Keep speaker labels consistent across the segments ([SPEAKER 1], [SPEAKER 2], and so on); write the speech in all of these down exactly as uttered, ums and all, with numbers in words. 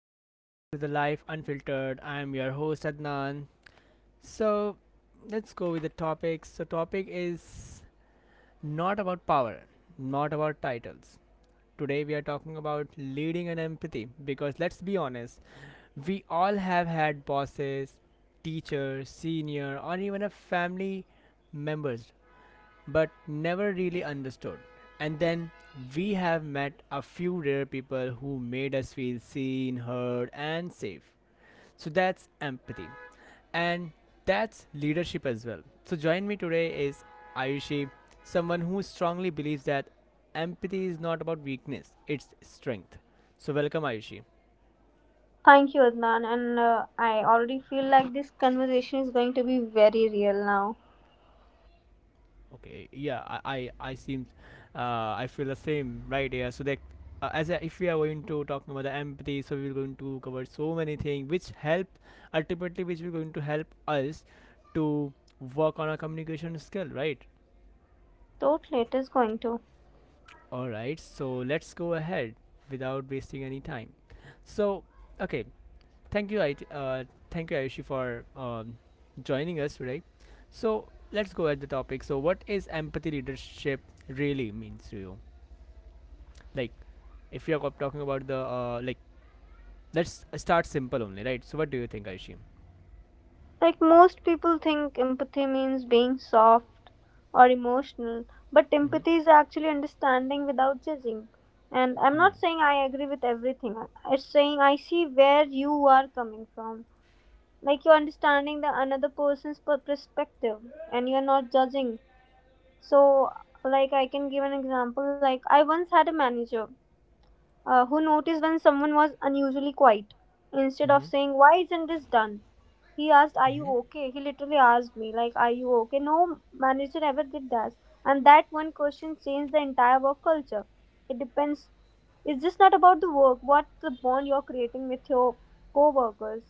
[SPEAKER 1] welcome back to the Life Unfiltered. I am your host Adnan. So, let's go with the topics. So, topic is not about power, not about titles. Today we are talking about leading and empathy because let's be honest, we all have had bosses, teachers, senior, or even a family members but never really understood. And then we have met a few rare people who made us feel seen, heard, and safe. So that's empathy. And that's leadership as well. So join me today is Ayushi, someone who strongly believes that empathy is not about weakness, it's strength. So welcome, Ayushi.
[SPEAKER 2] Thank you, Adnan. And uh, I already feel like this conversation is going to be very real now.
[SPEAKER 1] Okay, yeah, I I, I seem, uh, I feel the same, right? Yeah, so that uh, as a, if we are going to talk about the empathy, so we're going to cover so many things which help ultimately, which we're going to help us to work on our communication skill, right?
[SPEAKER 2] Totally, it is going to.
[SPEAKER 1] All right, so let's go ahead without wasting any time. So, okay, thank you, I uh, thank you, Ayushi, for um, joining us today. So let's go at the topic. So, what is empathy leadership really means to you? Like, if you're co- talking about the uh, like, let's start simple only, right? So what do you think, Aishi?
[SPEAKER 2] Like, most people think empathy means being soft or emotional, but
[SPEAKER 1] Mm-hmm.
[SPEAKER 2] empathy is actually understanding without judging. And I'm
[SPEAKER 1] Hmm.
[SPEAKER 2] not saying I agree with everything, it's saying I see where you are coming from. Like, you're understanding the another person's per- perspective and you're not judging. So, like, I can give an example. Like, I once had a manager uh, who noticed when someone was unusually quiet. Instead of
[SPEAKER 1] Mm-hmm.
[SPEAKER 2] saying, Why isn't this done? He asked, Are you okay? He literally asked me, like, Are you okay? No manager ever did that. And that one question changed the entire work culture. It depends. It's just not about the work, what the bond you're creating with your co workers.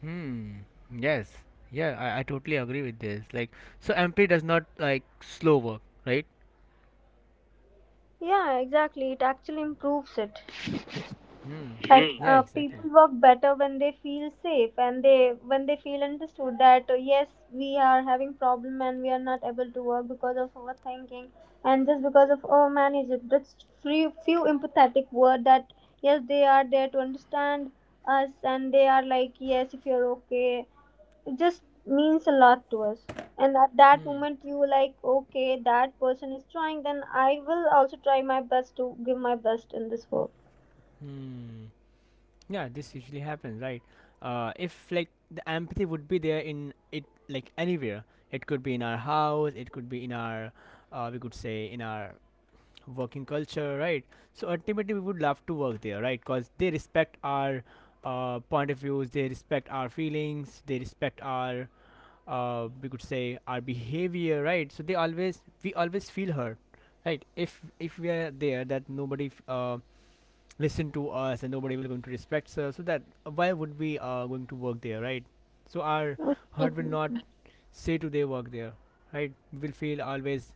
[SPEAKER 1] Hmm. Yes. Yeah, I, I totally agree with this. Like, so M P does not like slow work, right?
[SPEAKER 2] Yeah, exactly. It actually improves it.
[SPEAKER 1] Hmm.
[SPEAKER 2] That Mhm.
[SPEAKER 1] Yeah,
[SPEAKER 2] Uh,
[SPEAKER 1] exactly.
[SPEAKER 2] people work better when they feel safe and they when they feel understood, that uh, yes, we are having problem and we are not able to work because of overthinking, and just because of oh manage it, that's few few empathetic word that yes they are there to understand us, and they are like, yes if you're okay, it just means a lot to us. And at that
[SPEAKER 1] Hmm.
[SPEAKER 2] moment you were like, okay that person is trying, then I will also try my best to give my best in this work.
[SPEAKER 1] Hmm. Yeah, this usually happens, right? Uh, if like the empathy would be there in it, like anywhere, it could be in our house, it could be in our, uh, we could say in our working culture, right? So ultimately, we would love to work there, right? Because they respect our uh, point of views, they respect our feelings, they respect our uh, we could say our behavior, right? So they always we always feel hurt, right? If if we are there, that nobody f- uh, listen to us and nobody will going to respect us, so that why would we uh, going to work there, right? So our hurt will not say to their work there, right? We will feel always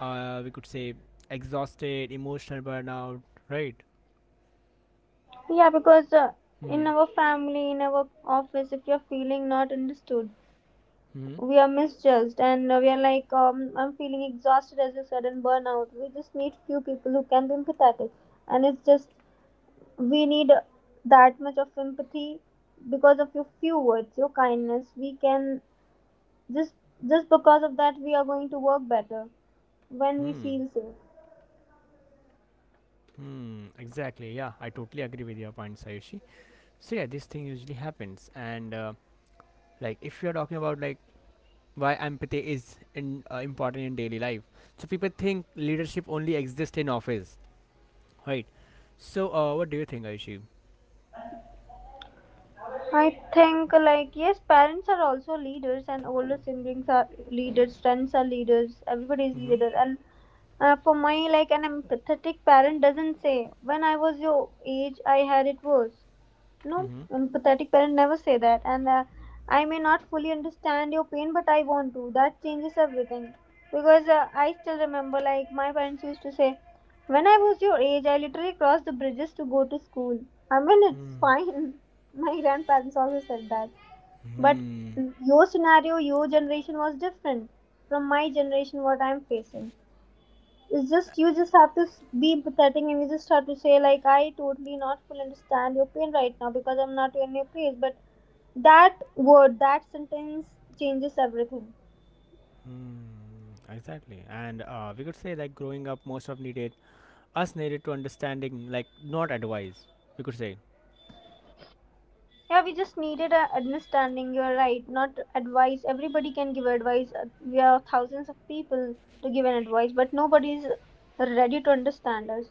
[SPEAKER 1] uh, we could say exhausted, emotional burnout, right?
[SPEAKER 2] Yeah, because uh,
[SPEAKER 1] Hmm.
[SPEAKER 2] in our family, in our office, if you're feeling not understood,
[SPEAKER 1] Hmm.
[SPEAKER 2] we are misjudged, and uh, we are like, um, I'm feeling exhausted as you said, and burnout. We just need few people who can be empathetic, and it's just we need that much of empathy. Because of your few words, your kindness, we can just just because of that, we are going to work better when we
[SPEAKER 1] Hmm.
[SPEAKER 2] feel safe.
[SPEAKER 1] Hmm. Exactly. Yeah, I totally agree with your point, Sayushi. So yeah, this thing usually happens, and uh, like if you're talking about like why empathy is in, uh, important in daily life, so people think leadership only exists in office, right? So uh, what do you think, Ayushi?
[SPEAKER 2] I think, like, yes, parents are also leaders, and older siblings are leaders, friends are leaders, everybody is
[SPEAKER 1] Mm-hmm.
[SPEAKER 2] leader. And uh, For my, like, an empathetic parent doesn't say, when I was your age, I had it worse. No,
[SPEAKER 1] Mm-hmm.
[SPEAKER 2] empathetic parent never say that. And uh, I may not fully understand your pain, but I want to. That changes everything. Because uh, I still remember, like, my parents used to say, when I was your age, I literally crossed the bridges to go to school. I mean, it's
[SPEAKER 1] Hmm.
[SPEAKER 2] fine. My grandparents also said that. But
[SPEAKER 1] Hmm.
[SPEAKER 2] mm, your scenario, your generation was different from my generation, what I'm facing. It's just, you just have to s- be empathetic, and you just have to say like, I totally not fully understand your pain right now because I'm not in your place, but that word, that sentence changes everything.
[SPEAKER 1] Hmm. Exactly. And uh, we could say like growing up, most of needed us needed to understanding, like not advice, we could say.
[SPEAKER 2] Yeah, we just needed a understanding, you're right, not advice. Everybody can give advice. Uh, we are thousands of people to give an advice, but nobody's ready to understand us.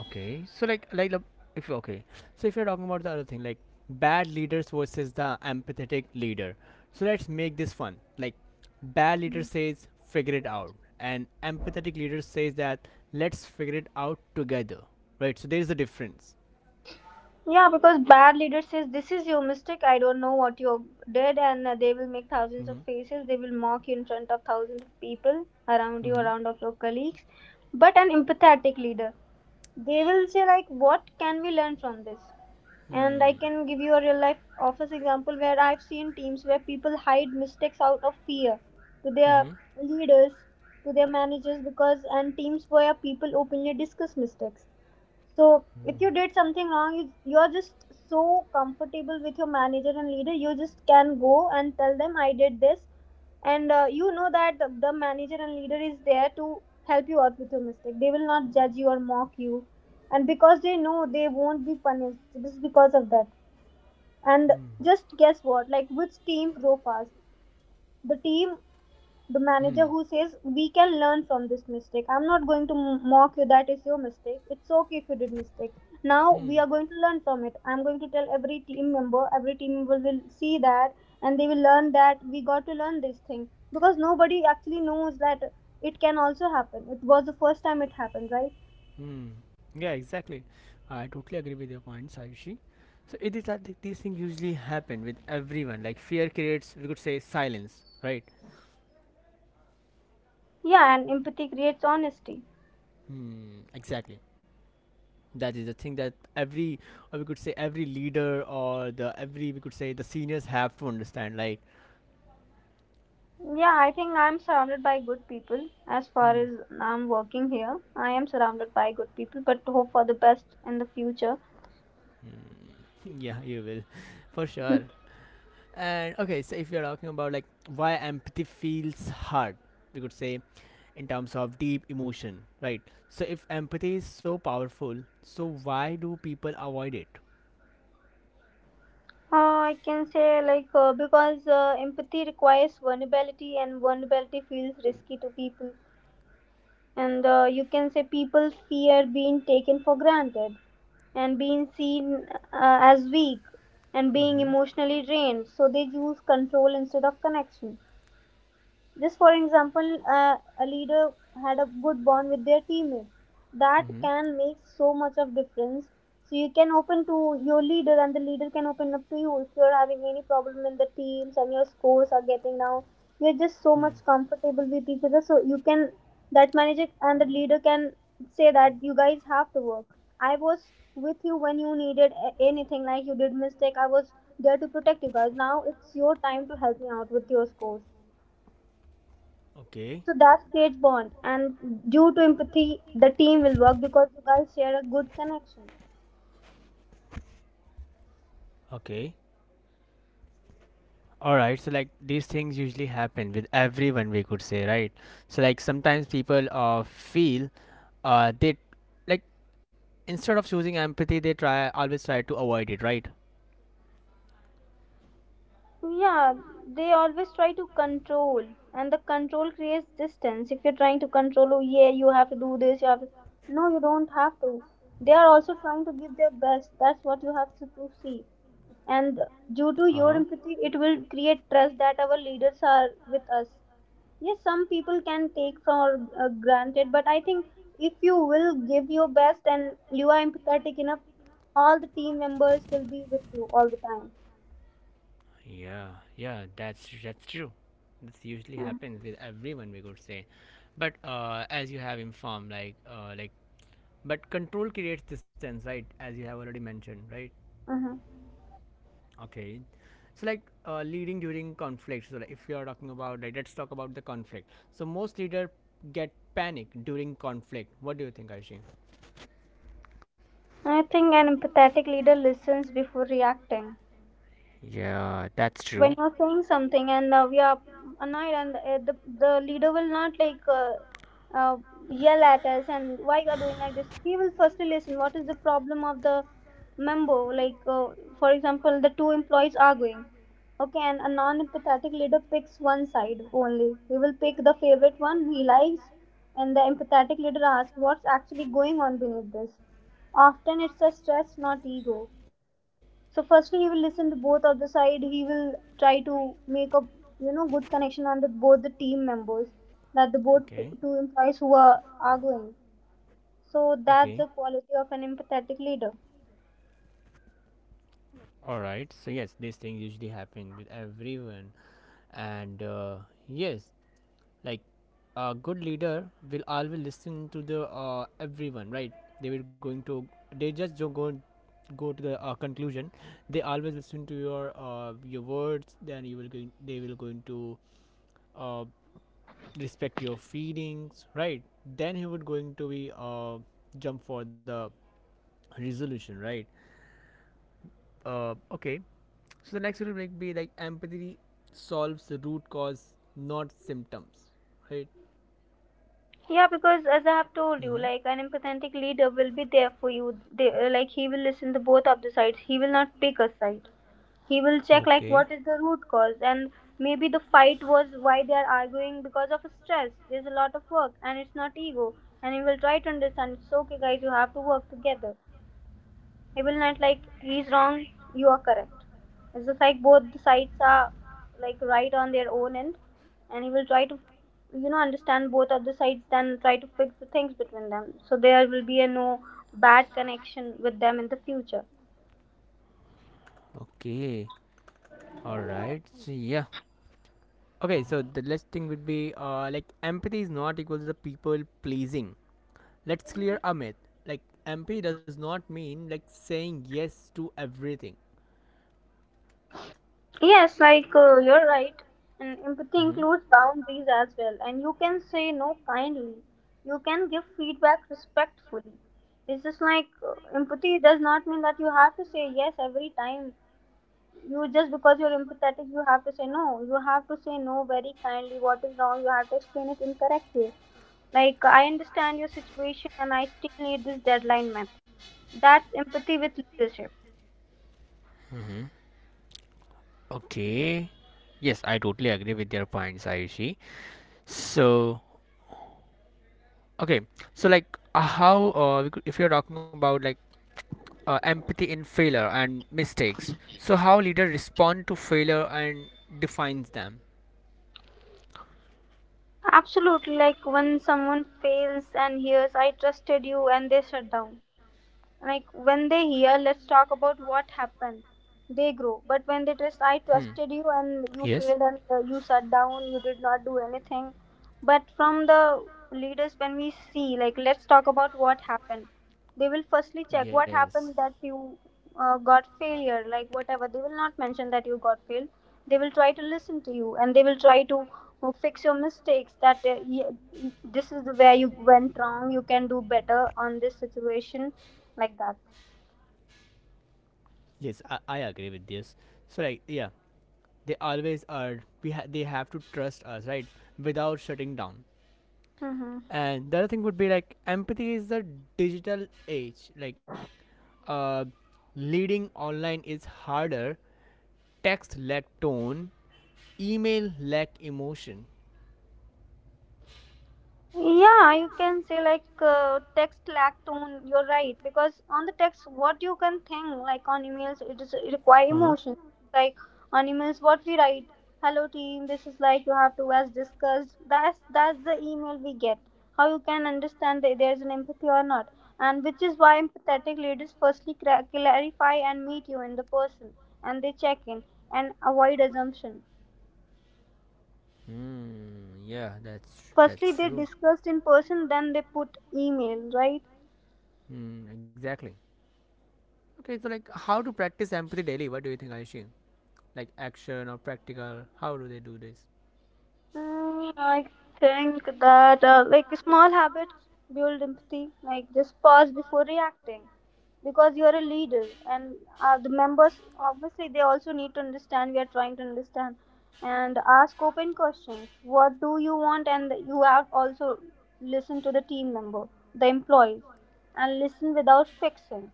[SPEAKER 1] Okay. so like like the- if okay, so if you're talking about the other thing, like bad leaders versus the empathetic leader. So let's make this fun. Like, bad leader says figure it out, and empathetic leader says that let's figure it out together, right? So there is a difference.
[SPEAKER 2] Yeah, because bad leader says this is your mistake, I don't know what you did, and uh, they will make thousands of
[SPEAKER 1] Mm-hmm.
[SPEAKER 2] faces. They will mock you in front of thousands of people around you,
[SPEAKER 1] Mm-hmm.
[SPEAKER 2] around of your colleagues. But an empathetic leader, they will say like, what can we learn from this? And I
[SPEAKER 1] Hmm.
[SPEAKER 2] can give you a real life office example where I've seen teams where people hide mistakes out of fear to
[SPEAKER 1] Mm-hmm.
[SPEAKER 2] their
[SPEAKER 1] Hmm.
[SPEAKER 2] leaders, to their managers, because, and teams where people openly discuss mistakes. So if you did something wrong, you, you're just so comfortable with your manager and leader, you just can go and tell them I did this. And uh, you know that the the manager and leader is there to help you out with your mistake, they will not judge you or mock you, and because they know they won't be punished just because of that. And just guess what, like which teams grow fast. The team, the
[SPEAKER 1] Hmm. mm hmm
[SPEAKER 2] manager who says we can learn from this mistake, I'm not going to mock you, that is your mistake, it's okay if you did mistake, now we
[SPEAKER 1] hmm.
[SPEAKER 2] are going to learn from it. I'm going to tell every team member, every team member will see that, and they will learn that we got to learn this thing, because nobody actually knows that, it can also happen, it was the first time it happened, right?
[SPEAKER 1] Hmm. Yeah, exactly. I totally agree with your point, Sayushi. So it is that th- these things usually happen with everyone. Like fear creates, we could say, silence, right?
[SPEAKER 2] Yeah, and empathy creates honesty.
[SPEAKER 1] Hmm. Exactly. That is the thing that every, or we could say, every leader or the every, we could say, the seniors have to understand. Like,
[SPEAKER 2] Yeah, I think I'm surrounded by good people. As far as
[SPEAKER 1] hmm.
[SPEAKER 2] I'm working here, I am surrounded by good people, but hope for the best in the future.
[SPEAKER 1] Yeah, you will. For
[SPEAKER 2] Uh,
[SPEAKER 1] sure. And okay, so if you're talking about like why empathy feels hard, we could say, in terms of deep emotion, right? So if empathy is so powerful, so why do people avoid it?
[SPEAKER 2] I can say like, uh, because uh, empathy requires vulnerability, and vulnerability feels risky to people. And uh, you can say people fear being taken for granted, and being seen uh, as weak, and being emotionally drained. So they choose control instead of connection. Just for example, uh, a leader had a good bond with their teammates. That
[SPEAKER 1] Mm-hmm.
[SPEAKER 2] can make so much of difference. So you can open to your leader, and the leader can open up to you if you're having any problem in the teams and your scores are getting down. You're just so much comfortable with each other, so you can, that manager and the leader can say that, you guys have to work. I was with you when you needed a- anything, like you did mistake. I was there to protect you guys. Now it's your time to help me out with your scores,
[SPEAKER 1] Okay,
[SPEAKER 2] so that creates bond, and due to empathy, the team will work because you guys share a good connection.
[SPEAKER 1] okay. All right, so like these things usually happen with everyone, we could say, right? So like sometimes people uh, feel, uh, they like instead of choosing empathy, they try always try to avoid it, right?
[SPEAKER 2] Yeah, they always try to control, and the control creates distance. If you're trying to control, oh yeah, you have to do this, you have to. No, you don't have to. They are also trying to give their best. That's what you have to, to see. And due to
[SPEAKER 1] Uh
[SPEAKER 2] your
[SPEAKER 1] huh.
[SPEAKER 2] empathy, it will create trust that our leaders are with us. Yes, some people can take for uh, granted, but I think if you will give your best and you are empathetic enough, all the team members will be with you all the time.
[SPEAKER 1] Yeah, yeah, that's that's true. This usually
[SPEAKER 2] Mhm.
[SPEAKER 1] happens with everyone, we could say. But uh, as you have informed, like uh, like, but control creates distance, right? As you have already mentioned, right?
[SPEAKER 2] Mhm.
[SPEAKER 1] Okay. So like uh, leading during conflict. So like, if you are talking about, like, let's talk about the conflict. So most leader get panic during conflict. What do you think, Aishi?
[SPEAKER 2] I think an empathetic leader listens before reacting.
[SPEAKER 1] Yeah, that's
[SPEAKER 2] When
[SPEAKER 1] true.
[SPEAKER 2] you're saying something and uh, we are annoyed, and uh, the, the leader will not like uh, uh, yell at us and why you are doing like this, he will firstly listen what is the problem of the member, like uh, for example, the two employees arguing, okay, and a non-empathetic leader picks one side only, he will pick the favorite one he likes, and the empathetic leader asks what's actually going on beneath this. Often it's a stress, not ego. So firstly he will listen to both of the side, he will try to make a, you know, good connection on the both the team members, that the both two
[SPEAKER 1] Okay.
[SPEAKER 2] two employees who are arguing, so that's
[SPEAKER 1] Okay.
[SPEAKER 2] the quality of an empathetic leader.
[SPEAKER 1] All right. So yes, these things usually happen with everyone, and uh, yes, like a good leader will always listen to the uh, everyone, right? They will going to they just don't go go to the uh, conclusion. They always listen to your uh, your words. Then you will going they will going to uh, respect your feelings, right? Then he would going to be uh jump for the resolution, right? Uh okay. So the next will like be like empathy solves the root cause, not symptoms, right?
[SPEAKER 2] Yeah, because as I have told you,
[SPEAKER 1] Mm-hmm. Told
[SPEAKER 2] like an empathetic leader will be there for you. They, uh, like he will listen to both of the sides. He will not pick a side. He will check like
[SPEAKER 1] you.
[SPEAKER 2] what is the root cause, and maybe the fight was, why they are arguing, because of stress, there's a lot of work and it's not ego. And he will try to understand, it's okay guys, you have to work together. He will not like, he's wrong, you are correct, it's just like both the sides are like right on their own end. And he will try to, you know, understand both of the sides, then try to fix the things between them, so there will be a no bad connection with them in the future.
[SPEAKER 1] Okay, all right, so yeah. Okay, so the last thing would be uh, like empathy is not equal to the people pleasing. Let's clear a myth. Like empathy does not mean like saying yes to everything.
[SPEAKER 2] Yes, like uh, you're right. And empathy includes
[SPEAKER 1] Mm-hmm.
[SPEAKER 2] boundaries as well. And you can say no kindly. You can give feedback respectfully. It's just like uh, empathy does not mean that you have to say yes every time. You just, because you're empathetic, you have to say no. You have to say no very kindly. What is wrong? You have to explain it in correct way. Like I understand your situation, and I still need this deadline met. That's empathy with leadership.
[SPEAKER 1] Mm-hmm. Okay. Yes, I totally agree with your points, Ayushi. So, okay. So, like, uh, how, uh, we could- if you're talking about like uh, empathy in failure and mistakes, so how leader respond to failure and defines them?
[SPEAKER 2] Absolutely, like when someone fails and hears, I trusted you, and they shut down, like when they hear let's talk about what happened, they grow. But when they trust, I
[SPEAKER 1] Hmm.
[SPEAKER 2] trusted you and you
[SPEAKER 1] Yes.
[SPEAKER 2] failed, and uh, you shut down, you did not do anything. But from the leaders when we see like, let's talk about what happened, they will firstly check what
[SPEAKER 1] Yes.
[SPEAKER 2] happened, that you uh, got failure, like whatever, they will not mention that you got failed. They will try to listen to you, and they will try to uh, fix your mistakes, that uh, ye- this is where you went wrong, you can do better on this situation, like that.
[SPEAKER 1] Yes, I, I agree with this. So like yeah, they always are we ha- they have to trust us, right? Without shutting down.
[SPEAKER 2] Mm-hmm.
[SPEAKER 1] And the other thing would be like empathy is the digital age. Like uh leading online is harder, text lack tone, email lack emotion.
[SPEAKER 2] Yeah, you can say like uh, text lag tone. You're right because on the text, what you can think like on emails, it is it require
[SPEAKER 1] Uh-huh.
[SPEAKER 2] emotion. Like on emails, what we write, "Hello team, this is like you have to as discussed." That's that's the email we get. How you can understand that there's an empathy or not, and which is why empathetic leaders firstly cra- clarify and meet you in the person, and they check in and avoid assumption.
[SPEAKER 1] Hmm. Yeah, that's
[SPEAKER 2] Firstly,
[SPEAKER 1] that's
[SPEAKER 2] they
[SPEAKER 1] true.
[SPEAKER 2] discussed in person, then they put email, right?
[SPEAKER 1] Hmm, exactly. Okay, so like how to practice empathy daily? What do you think, Aishin? Like action or practical? How do they do this?
[SPEAKER 2] Mm, I think that uh, like small habits build empathy. Like just pause before reacting because you are a leader, and uh, the members obviously they also need to understand. We are trying to understand and ask open questions. What do you want? And you have also listen to the team member, the employees, and listen without fixing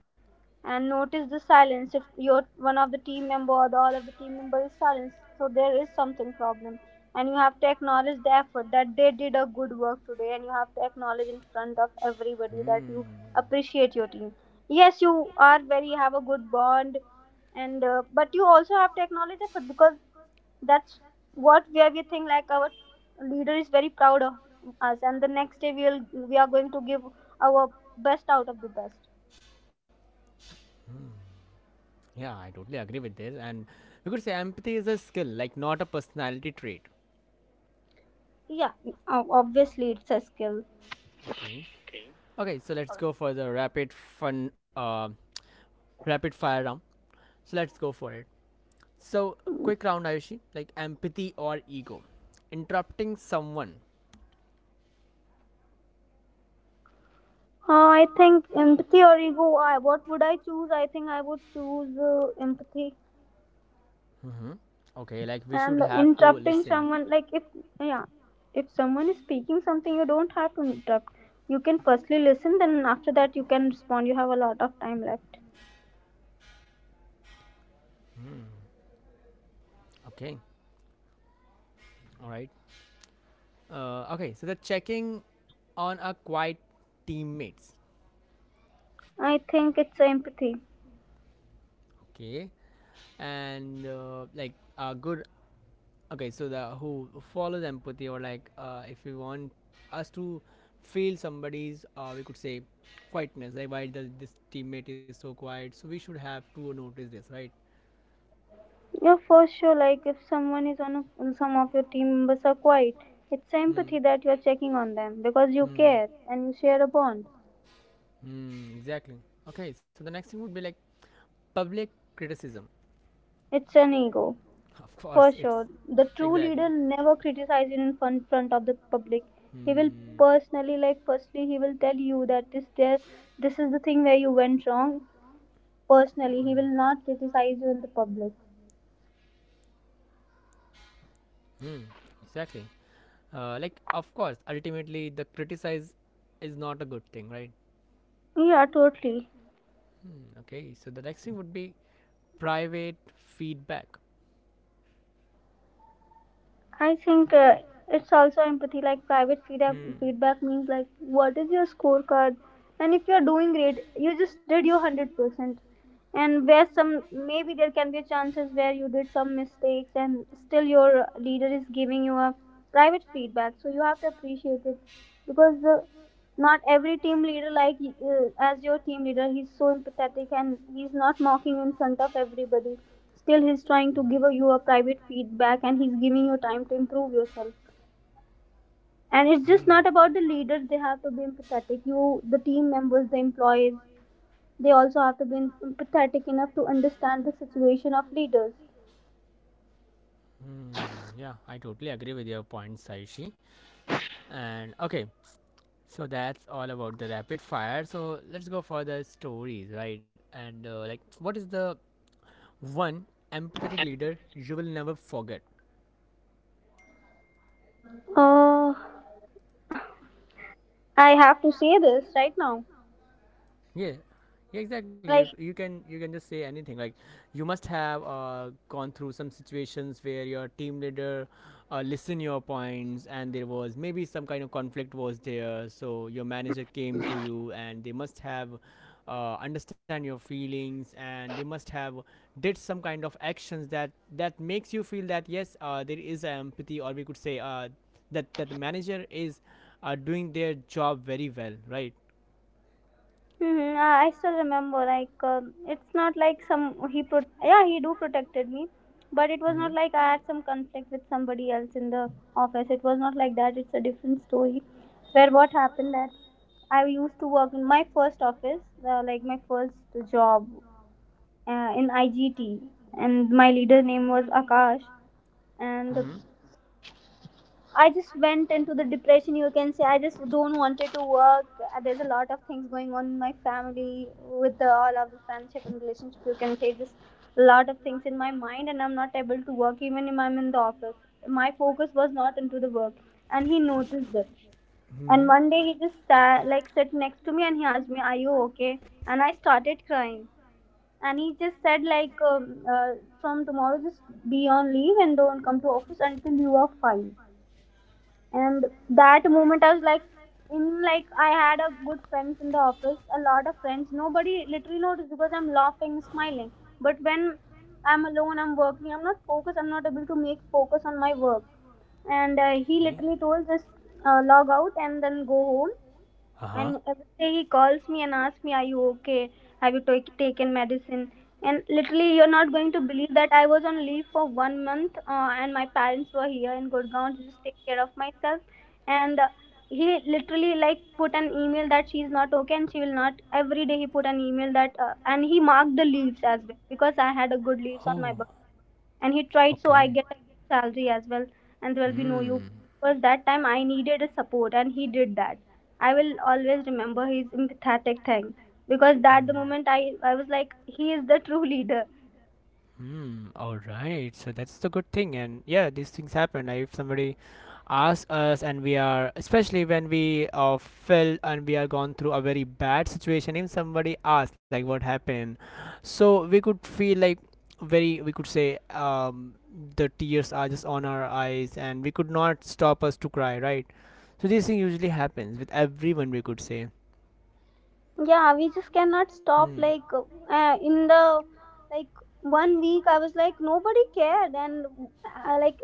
[SPEAKER 2] and notice the silence if your one of the team member or the, all of the team member is silent, so there is something problem. And you have to acknowledge the effort that they did a good work today, and you have to acknowledge in front of everybody that
[SPEAKER 1] Hmm.
[SPEAKER 2] you appreciate your team. Yes, you are very have a good bond, and uh, but you also have to acknowledge effort because that's what where we think like our leader is very proud of us, and the next day we will we are going to give our best out of the best.
[SPEAKER 1] Yeah, I totally agree with this. And we could say empathy is a skill, like not a personality trait.
[SPEAKER 2] Yeah, o- obviously it's a skill.
[SPEAKER 1] Okay. Okay, so let's go for the rapid fun, uh, rapid fire round. So let's go for it. So
[SPEAKER 2] Mm.
[SPEAKER 1] quick round, Ayushi. Like empathy or ego. Interrupting someone.
[SPEAKER 2] Uh, I think empathy or ego. I what would I choose? I think I would choose uh, empathy.
[SPEAKER 1] Mm-hmm. Okay, like we should
[SPEAKER 2] And
[SPEAKER 1] have to
[SPEAKER 2] interrupting
[SPEAKER 1] listen.
[SPEAKER 2] someone. Like if, yeah, if someone is speaking something, you don't have to interrupt. You can firstly listen, then after that you can respond. You have a lot of time left.
[SPEAKER 1] Hmm. Okay. All right. Uh, okay. So the checking on our quiet teammates.
[SPEAKER 2] I think it's empathy.
[SPEAKER 1] Okay. And uh, like a good. Okay. So the who follows empathy or like uh, if we want us to feel somebody's uh, we could say quietness, like why the, this teammate is so quiet, so we should have to notice this, right?
[SPEAKER 2] Yeah, for sure. Like if someone is on a, some of your team members are quiet, it's
[SPEAKER 1] Hmm.
[SPEAKER 2] empathy that you are checking on them because you
[SPEAKER 1] Hmm.
[SPEAKER 2] care and you share a bond.
[SPEAKER 1] Hmm, exactly. Okay, so the next thing would be like public criticism.
[SPEAKER 2] It's an ego.
[SPEAKER 1] Of
[SPEAKER 2] For
[SPEAKER 1] course, it's
[SPEAKER 2] sure, the true
[SPEAKER 1] exactly.
[SPEAKER 2] leader never criticizes you in front, front of the public. He will
[SPEAKER 1] Hmm.
[SPEAKER 2] personally, like, firstly, he will tell you that this there, this is the thing where you went wrong. Personally, he will not criticize you in the public.
[SPEAKER 1] Hmm. Exactly. Uh, like of course, ultimately the criticize is not a good thing, right?
[SPEAKER 2] Yeah, totally.
[SPEAKER 1] Hmm, okay. So the next thing would be private feedback.
[SPEAKER 2] I think uh, it's also empathy. Like private feedback,
[SPEAKER 1] Hmm.
[SPEAKER 2] feedback means like what is your scorecard, and if you're doing great, you just did your hundred percent. And where some maybe there can be chances where you did some mistakes, and still your leader is giving you a private feedback. So you have to appreciate it because uh, not every team leader like uh, as your team leader, he's so empathetic and he's not mocking in front of everybody, still he's trying to give you a private feedback, and he's giving you time to improve yourself. And it's just not about the leaders they have to be empathetic, you the team members, the employees, they also have to be empathetic enough to understand the situation of leaders.
[SPEAKER 1] Hmm. Yeah, I totally agree with your point, Saishi. And okay, so that's all about the rapid fire. So let's go for the stories, right? And uh, like, what is the one empathetic leader you will never forget?
[SPEAKER 2] uh I have to say this right now.
[SPEAKER 1] Yeah, yeah, exactly. You,
[SPEAKER 2] Like
[SPEAKER 1] you can you can just say anything. Like, you must have uh, gone through some situations where your team leader uh, listened your points, and there was maybe some kind of conflict was there. So your manager came to you, and they must have uh, understand your feelings, and they must have did some kind of actions that that makes you feel that yes, uh, there is empathy, or we could say uh, that that the manager is uh, doing their job very well, right?
[SPEAKER 2] mhm, I I still remember, like, um it's not like some he pro- yeah he do protected me, but it was
[SPEAKER 1] Mhm.
[SPEAKER 2] not like I had some conflict with somebody else in the office. It was not like that. It's a different story. Where what happened that I used to work in my first office, uh, like my first job uh, in I G T, and my leader name was Akash, and
[SPEAKER 1] Mm-hmm.
[SPEAKER 2] I just went into the depression. You can say I just don't wanted to work. Uh, There's a lot of things going on in my family with the, all of the friendship and relationship. You can say just a lot of things in my mind, and I'm not able to work even if I'm in the office. My focus was not into the work, and he noticed it. And
[SPEAKER 1] Mm-hmm.
[SPEAKER 2] one day he just sat, like sat next to me, and he asked me, "Are you okay?" And I started crying. And he just said like, um, uh, "From tomorrow, just be on leave and don't come to office until you are fine." And that moment I was like, in like I had a good friends in the office, a lot of friends, nobody literally noticed because I'm laughing, smiling. But when I'm alone I'm working, I'm not focused, I'm not able to make focus on my work. And uh, he
[SPEAKER 1] Okay.
[SPEAKER 2] literally told, just uh, log out and then go home.
[SPEAKER 1] Uh huh.
[SPEAKER 2] And every day he calls me and asks me, "Are you okay? Have you ta- taken medicine?" And literally, you're not going to believe that I was on leave for one month, uh, and my parents were here in Gurgaon to just take care of myself. And uh, he literally like put an email that she's not okay and she will not. Every day he put an email that, uh, and he marked the leaves as well because I had a good leaves on
[SPEAKER 1] Oh.
[SPEAKER 2] my birthday, and he tried so I
[SPEAKER 1] Okay.
[SPEAKER 2] get a good salary as well. And there will be no you,
[SPEAKER 1] Hmm.
[SPEAKER 2] because that time I needed a support and he did that. I will always remember his empathetic thing, because that the moment i i was like, he is the true leader.
[SPEAKER 1] Hmm. All right. So that's the good thing, and yeah, these things happen. Like if somebody asks us, and we are, especially when we uh, felt and we are gone through a very bad situation, if somebody asks like what happened, so we could feel like very, we could say, um, the tears are just on our eyes, and we could not stop us to cry, right? So this thing usually happens with everyone, we could say.
[SPEAKER 2] Yeah, we just cannot
[SPEAKER 1] Hmm.
[SPEAKER 2] stop, like uh, in the like one week I was like nobody cared, and uh, like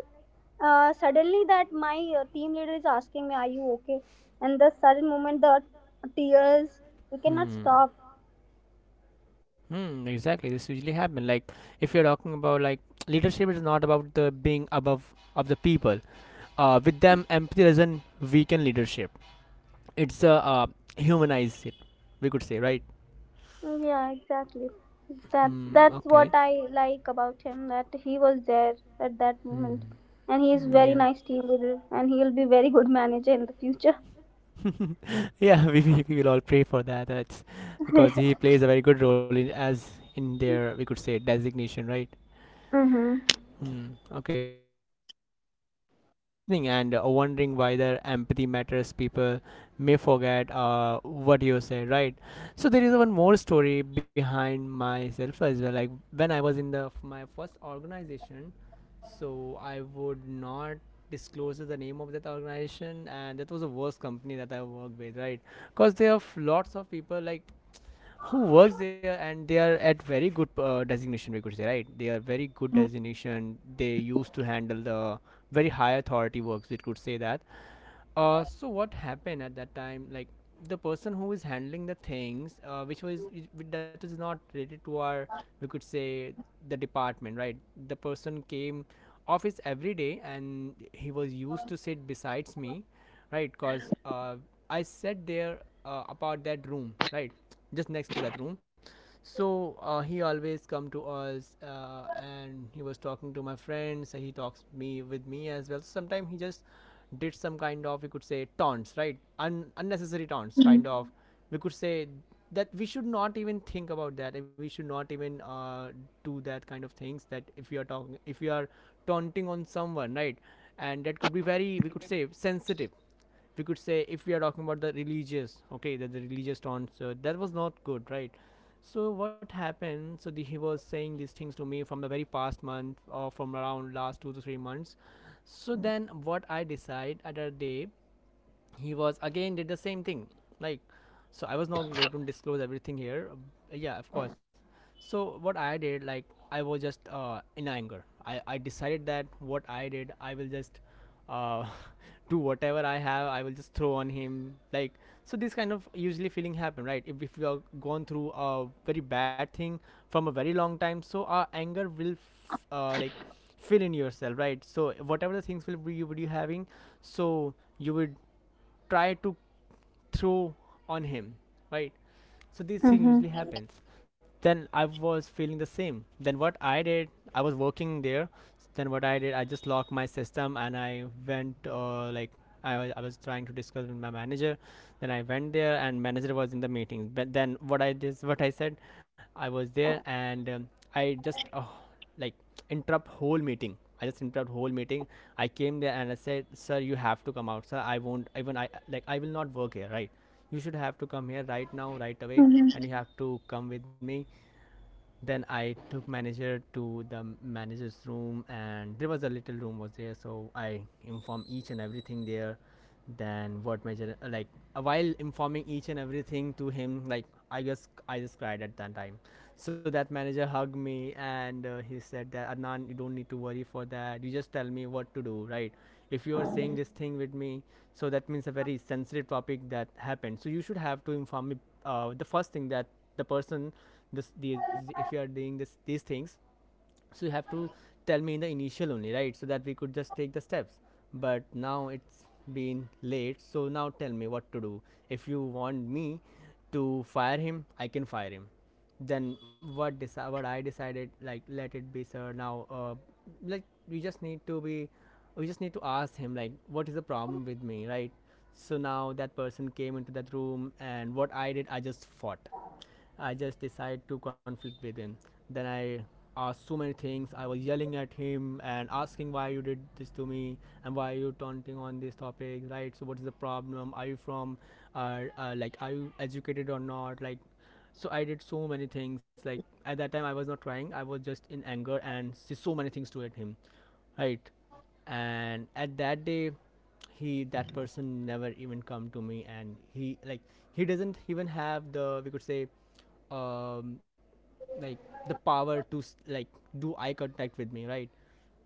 [SPEAKER 2] uh, suddenly that my uh, team leader is asking me, are you okay, and the sudden moment the tears we cannot
[SPEAKER 1] Hmm.
[SPEAKER 2] stop.
[SPEAKER 1] Hmm, exactly. This usually happen. Like if you're talking about like leadership is not about the being above of the people. Uh, with them empathy doesn't weaken leadership. It's uh, uh humanize it. We could say, right.
[SPEAKER 2] Yeah, exactly. That's
[SPEAKER 1] Hmm.
[SPEAKER 2] that's
[SPEAKER 1] Okay.
[SPEAKER 2] what I like about him, that he was there at that moment,
[SPEAKER 1] Hmm.
[SPEAKER 2] and he is very
[SPEAKER 1] Yeah.
[SPEAKER 2] nice team leader, and he'll be very good manager in the future.
[SPEAKER 1] Yeah. We, we we will all pray for that. That's because he plays a very good role in as in their, we could say, designation. Right.
[SPEAKER 2] Mm-hmm.
[SPEAKER 1] Hmm. Okay, so the next thing would be like if you are uh, listening and uh, wondering why their empathy matters, people may forget uh, what you say, right? So there is one more story behind myself as well. Like when I was in the f- my first organization, so I would not disclose the name of that organization, and that was the worst company that I worked with, right? Because there are f- lots of people like who works there, and they are at very good uh, designation, we could say, right? They are very good designation. They used to handle the very high authority works, we could say that. Uh, so what happened at that time, like the person who is handling the things uh, which was which- that is not related to our, we could say, the department, right? The person came office every day and he was used to sit besides me, right? Because uh, I sat there uh, about that room, right? Just next to that room. So uh, he always come to us uh, and he was talking to my friends. He talks me with me as well. Sometimes he just did some kind of, you could say, taunts, right? Un- unnecessary taunts, kind of, we could say, that we should not even think about that, and we should not even uh, do that kind of things. That if we are talking, if we are taunting on someone, right, and that could be very, we could say, sensitive, we could say, if we are talking about the religious, okay, that the religious taunt, so that was not good, right? So what happened, so the, he was saying these things to me from the very past month or from around last two to three months. So then what I decide at a day, he was again did the same thing, like, so I was not going to disclose everything here. Uh, yeah, of course. So what I did, like, I was just uh, in anger. I, I decided that what I did, I will just uh, do whatever I have, I will just throw on him, like. So this kind of usually feeling happen, right? If, if you are gone through a very bad thing from a very long time, so our anger will f- uh, like fill in yourself, right? So whatever the things will be, you would you having, so you would try to throw on him, right? So this thing usually happens. Then I was feeling the same. Then what I did, I was working there. Then what I did, I just locked my system and I went uh, like. I was, I was trying to discuss with my manager. Then I went there and manager was in the meeting. But then what I did, what I said, I was there and um, I just uh, like interrupt whole meeting. I just interrupt whole meeting. I came there and I said, "Sir, you have to come out, sir. I won't even, I like, I will not work here, right? You should have to come here right now, right away, and
[SPEAKER 2] Mm-hmm.
[SPEAKER 1] you have to come with me." Then I took manager to the manager's room and there was a little room was there, so I informed each and everything there. Then what manager uh, like uh, while informing each and everything to him, like, I just I just cried at that time. So that manager hugged me and uh, he said that, "Adnan, you don't need to worry for that. You just tell me what to do, right? If you are saying this thing with me, so that means a very sensitive topic that happened, so you should have to inform me. Uh, the first thing that the person, this these, if you are doing this these things, so you have to tell me in the initial only, right, so that we could just take the steps. But now it's been late, so now tell me what to do. If you want me to fire him, I can fire him." Then what deci- what I decided, like, "Let it be, sir. Now uh, like we just need to be, we just need to ask him like what is the problem with me, right?" So now that person came into that room, and what I did, I just fought. I just decide to conflict with him. Then I asked so many things. I was yelling at him and asking, "Why you did this to me, and why are you taunting on this topic, right? So what is the problem? Are you from, uh, uh, like, are you educated or not?" Like, so I did so many things. Like at that time, I was not crying. I was just in anger and s- so many things to at him, right? And at that day, he that person never even come to me, and he like he doesn't even have the, we could say, um like, the power to s- like do eye contact with me, right?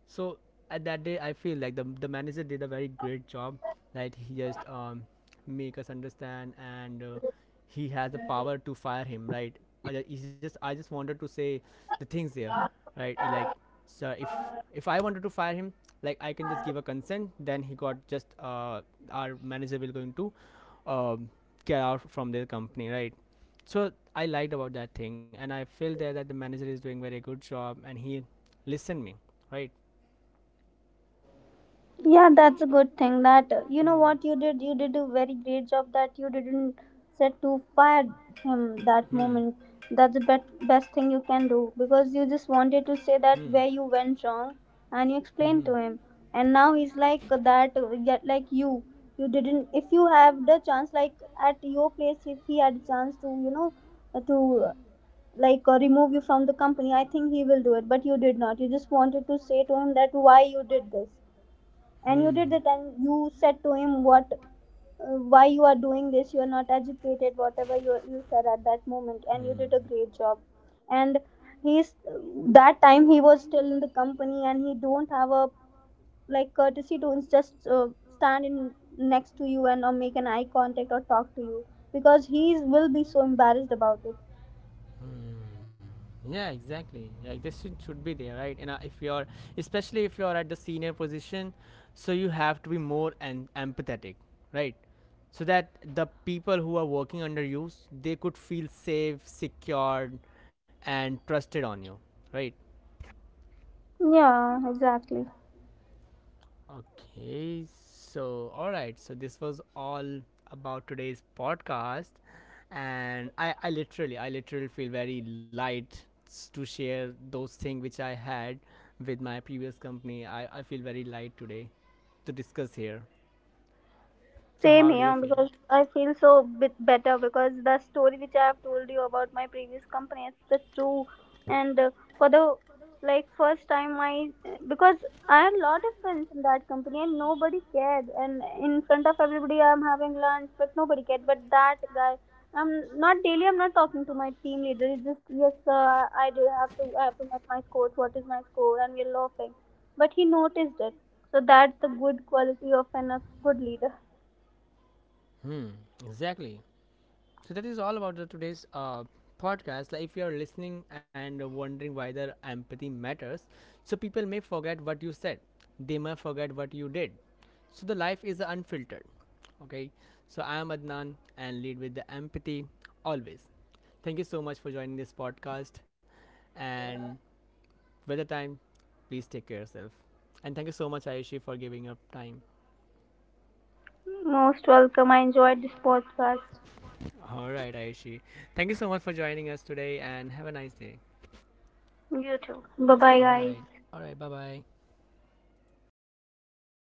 [SPEAKER 1] So at that day, I feel like the the manager did a very great job. Like he just um, make us understand, and uh, he has the power to fire him, right? I, ju- he's just, I just wanted to say the things there, right? He, like, "Sir, if if I wanted to fire him, like I can just give a consent." Then he got just uh, our manager will going to um, get out from their company, right? So I liked about that thing, and I feel there that the manager is doing very good job, and he listened me, right?
[SPEAKER 2] Yeah, that's a good thing that uh, you know
[SPEAKER 1] Hmm.
[SPEAKER 2] what you did. You did a very great job that you didn't set to fire him that
[SPEAKER 1] Hmm.
[SPEAKER 2] moment. That's the bet- best thing you can do because you just wanted to say
[SPEAKER 1] To hmm.
[SPEAKER 2] that where you
[SPEAKER 1] Start
[SPEAKER 2] went wrong and you
[SPEAKER 1] hmm.
[SPEAKER 2] explained to him. And now he's like that, uh, yet like you. You didn't, if you have the chance, like at your place, if he had a chance to, you know, uh, to uh, like uh, remove you from the company, I think he will do it. But you did not. You just wanted to say to him that why you did this, and
[SPEAKER 1] Hmm.
[SPEAKER 2] you
[SPEAKER 1] And
[SPEAKER 2] did that, and you said to him what uh, why you are doing this, you are not educated, whatever you, you said at that moment, and you did a great job. And he's, that time he was still in the company, and he don't have a like courtesy to just uh, stand in next to you, and or make an eye contact or talk to you, because he will be so embarrassed about it.
[SPEAKER 1] hmm. Yeah, exactly. Like this should should be there, right? And uh, if you're, especially if you're at the senior position, so you have to be more and empathetic, right? So that the people who are working under you, s- they could feel safe, secured, and trusted on you, right?
[SPEAKER 2] Yeah, exactly.
[SPEAKER 1] Okay, so all right, so this was all about today's podcast, and I, I literally, I literally feel very light s- to share those things which I had with my previous company. I, I feel very light today to discuss here. So
[SPEAKER 2] Same
[SPEAKER 1] how do you
[SPEAKER 2] here,
[SPEAKER 1] feel?
[SPEAKER 2] because I feel so bit better because the story which I have told you about my previous company is the true. And uh, for the like first time I, because I had lot of friends in that company and nobody cared, and in front of everybody I'm having lunch but nobody cared, but that guy, I'm not daily I'm not talking to my team leader, it's just yes sir I do have to, I have to make my scores, what is my score, and we're laughing, but he noticed it. So that's the good quality of an a good leader.
[SPEAKER 1] Hmm, exactly. So that is all about the today's uh, podcast. Like if you are listening and wondering why the empathy matters, so people may forget what you said. They may forget what you did. So the life is unfiltered. Okay. So I am Adnan and lead with the empathy always. Thank you so much for joining this podcast. And with the time, please take care of yourself. And thank you so much, Ayushi, for giving up time.
[SPEAKER 2] Most welcome. I enjoyed this podcast.
[SPEAKER 1] All right, Ayushi. Thank you so much for joining us today and have a nice day.
[SPEAKER 2] You too. Bye bye,
[SPEAKER 1] All
[SPEAKER 2] guys.
[SPEAKER 1] right. All right. Bye bye.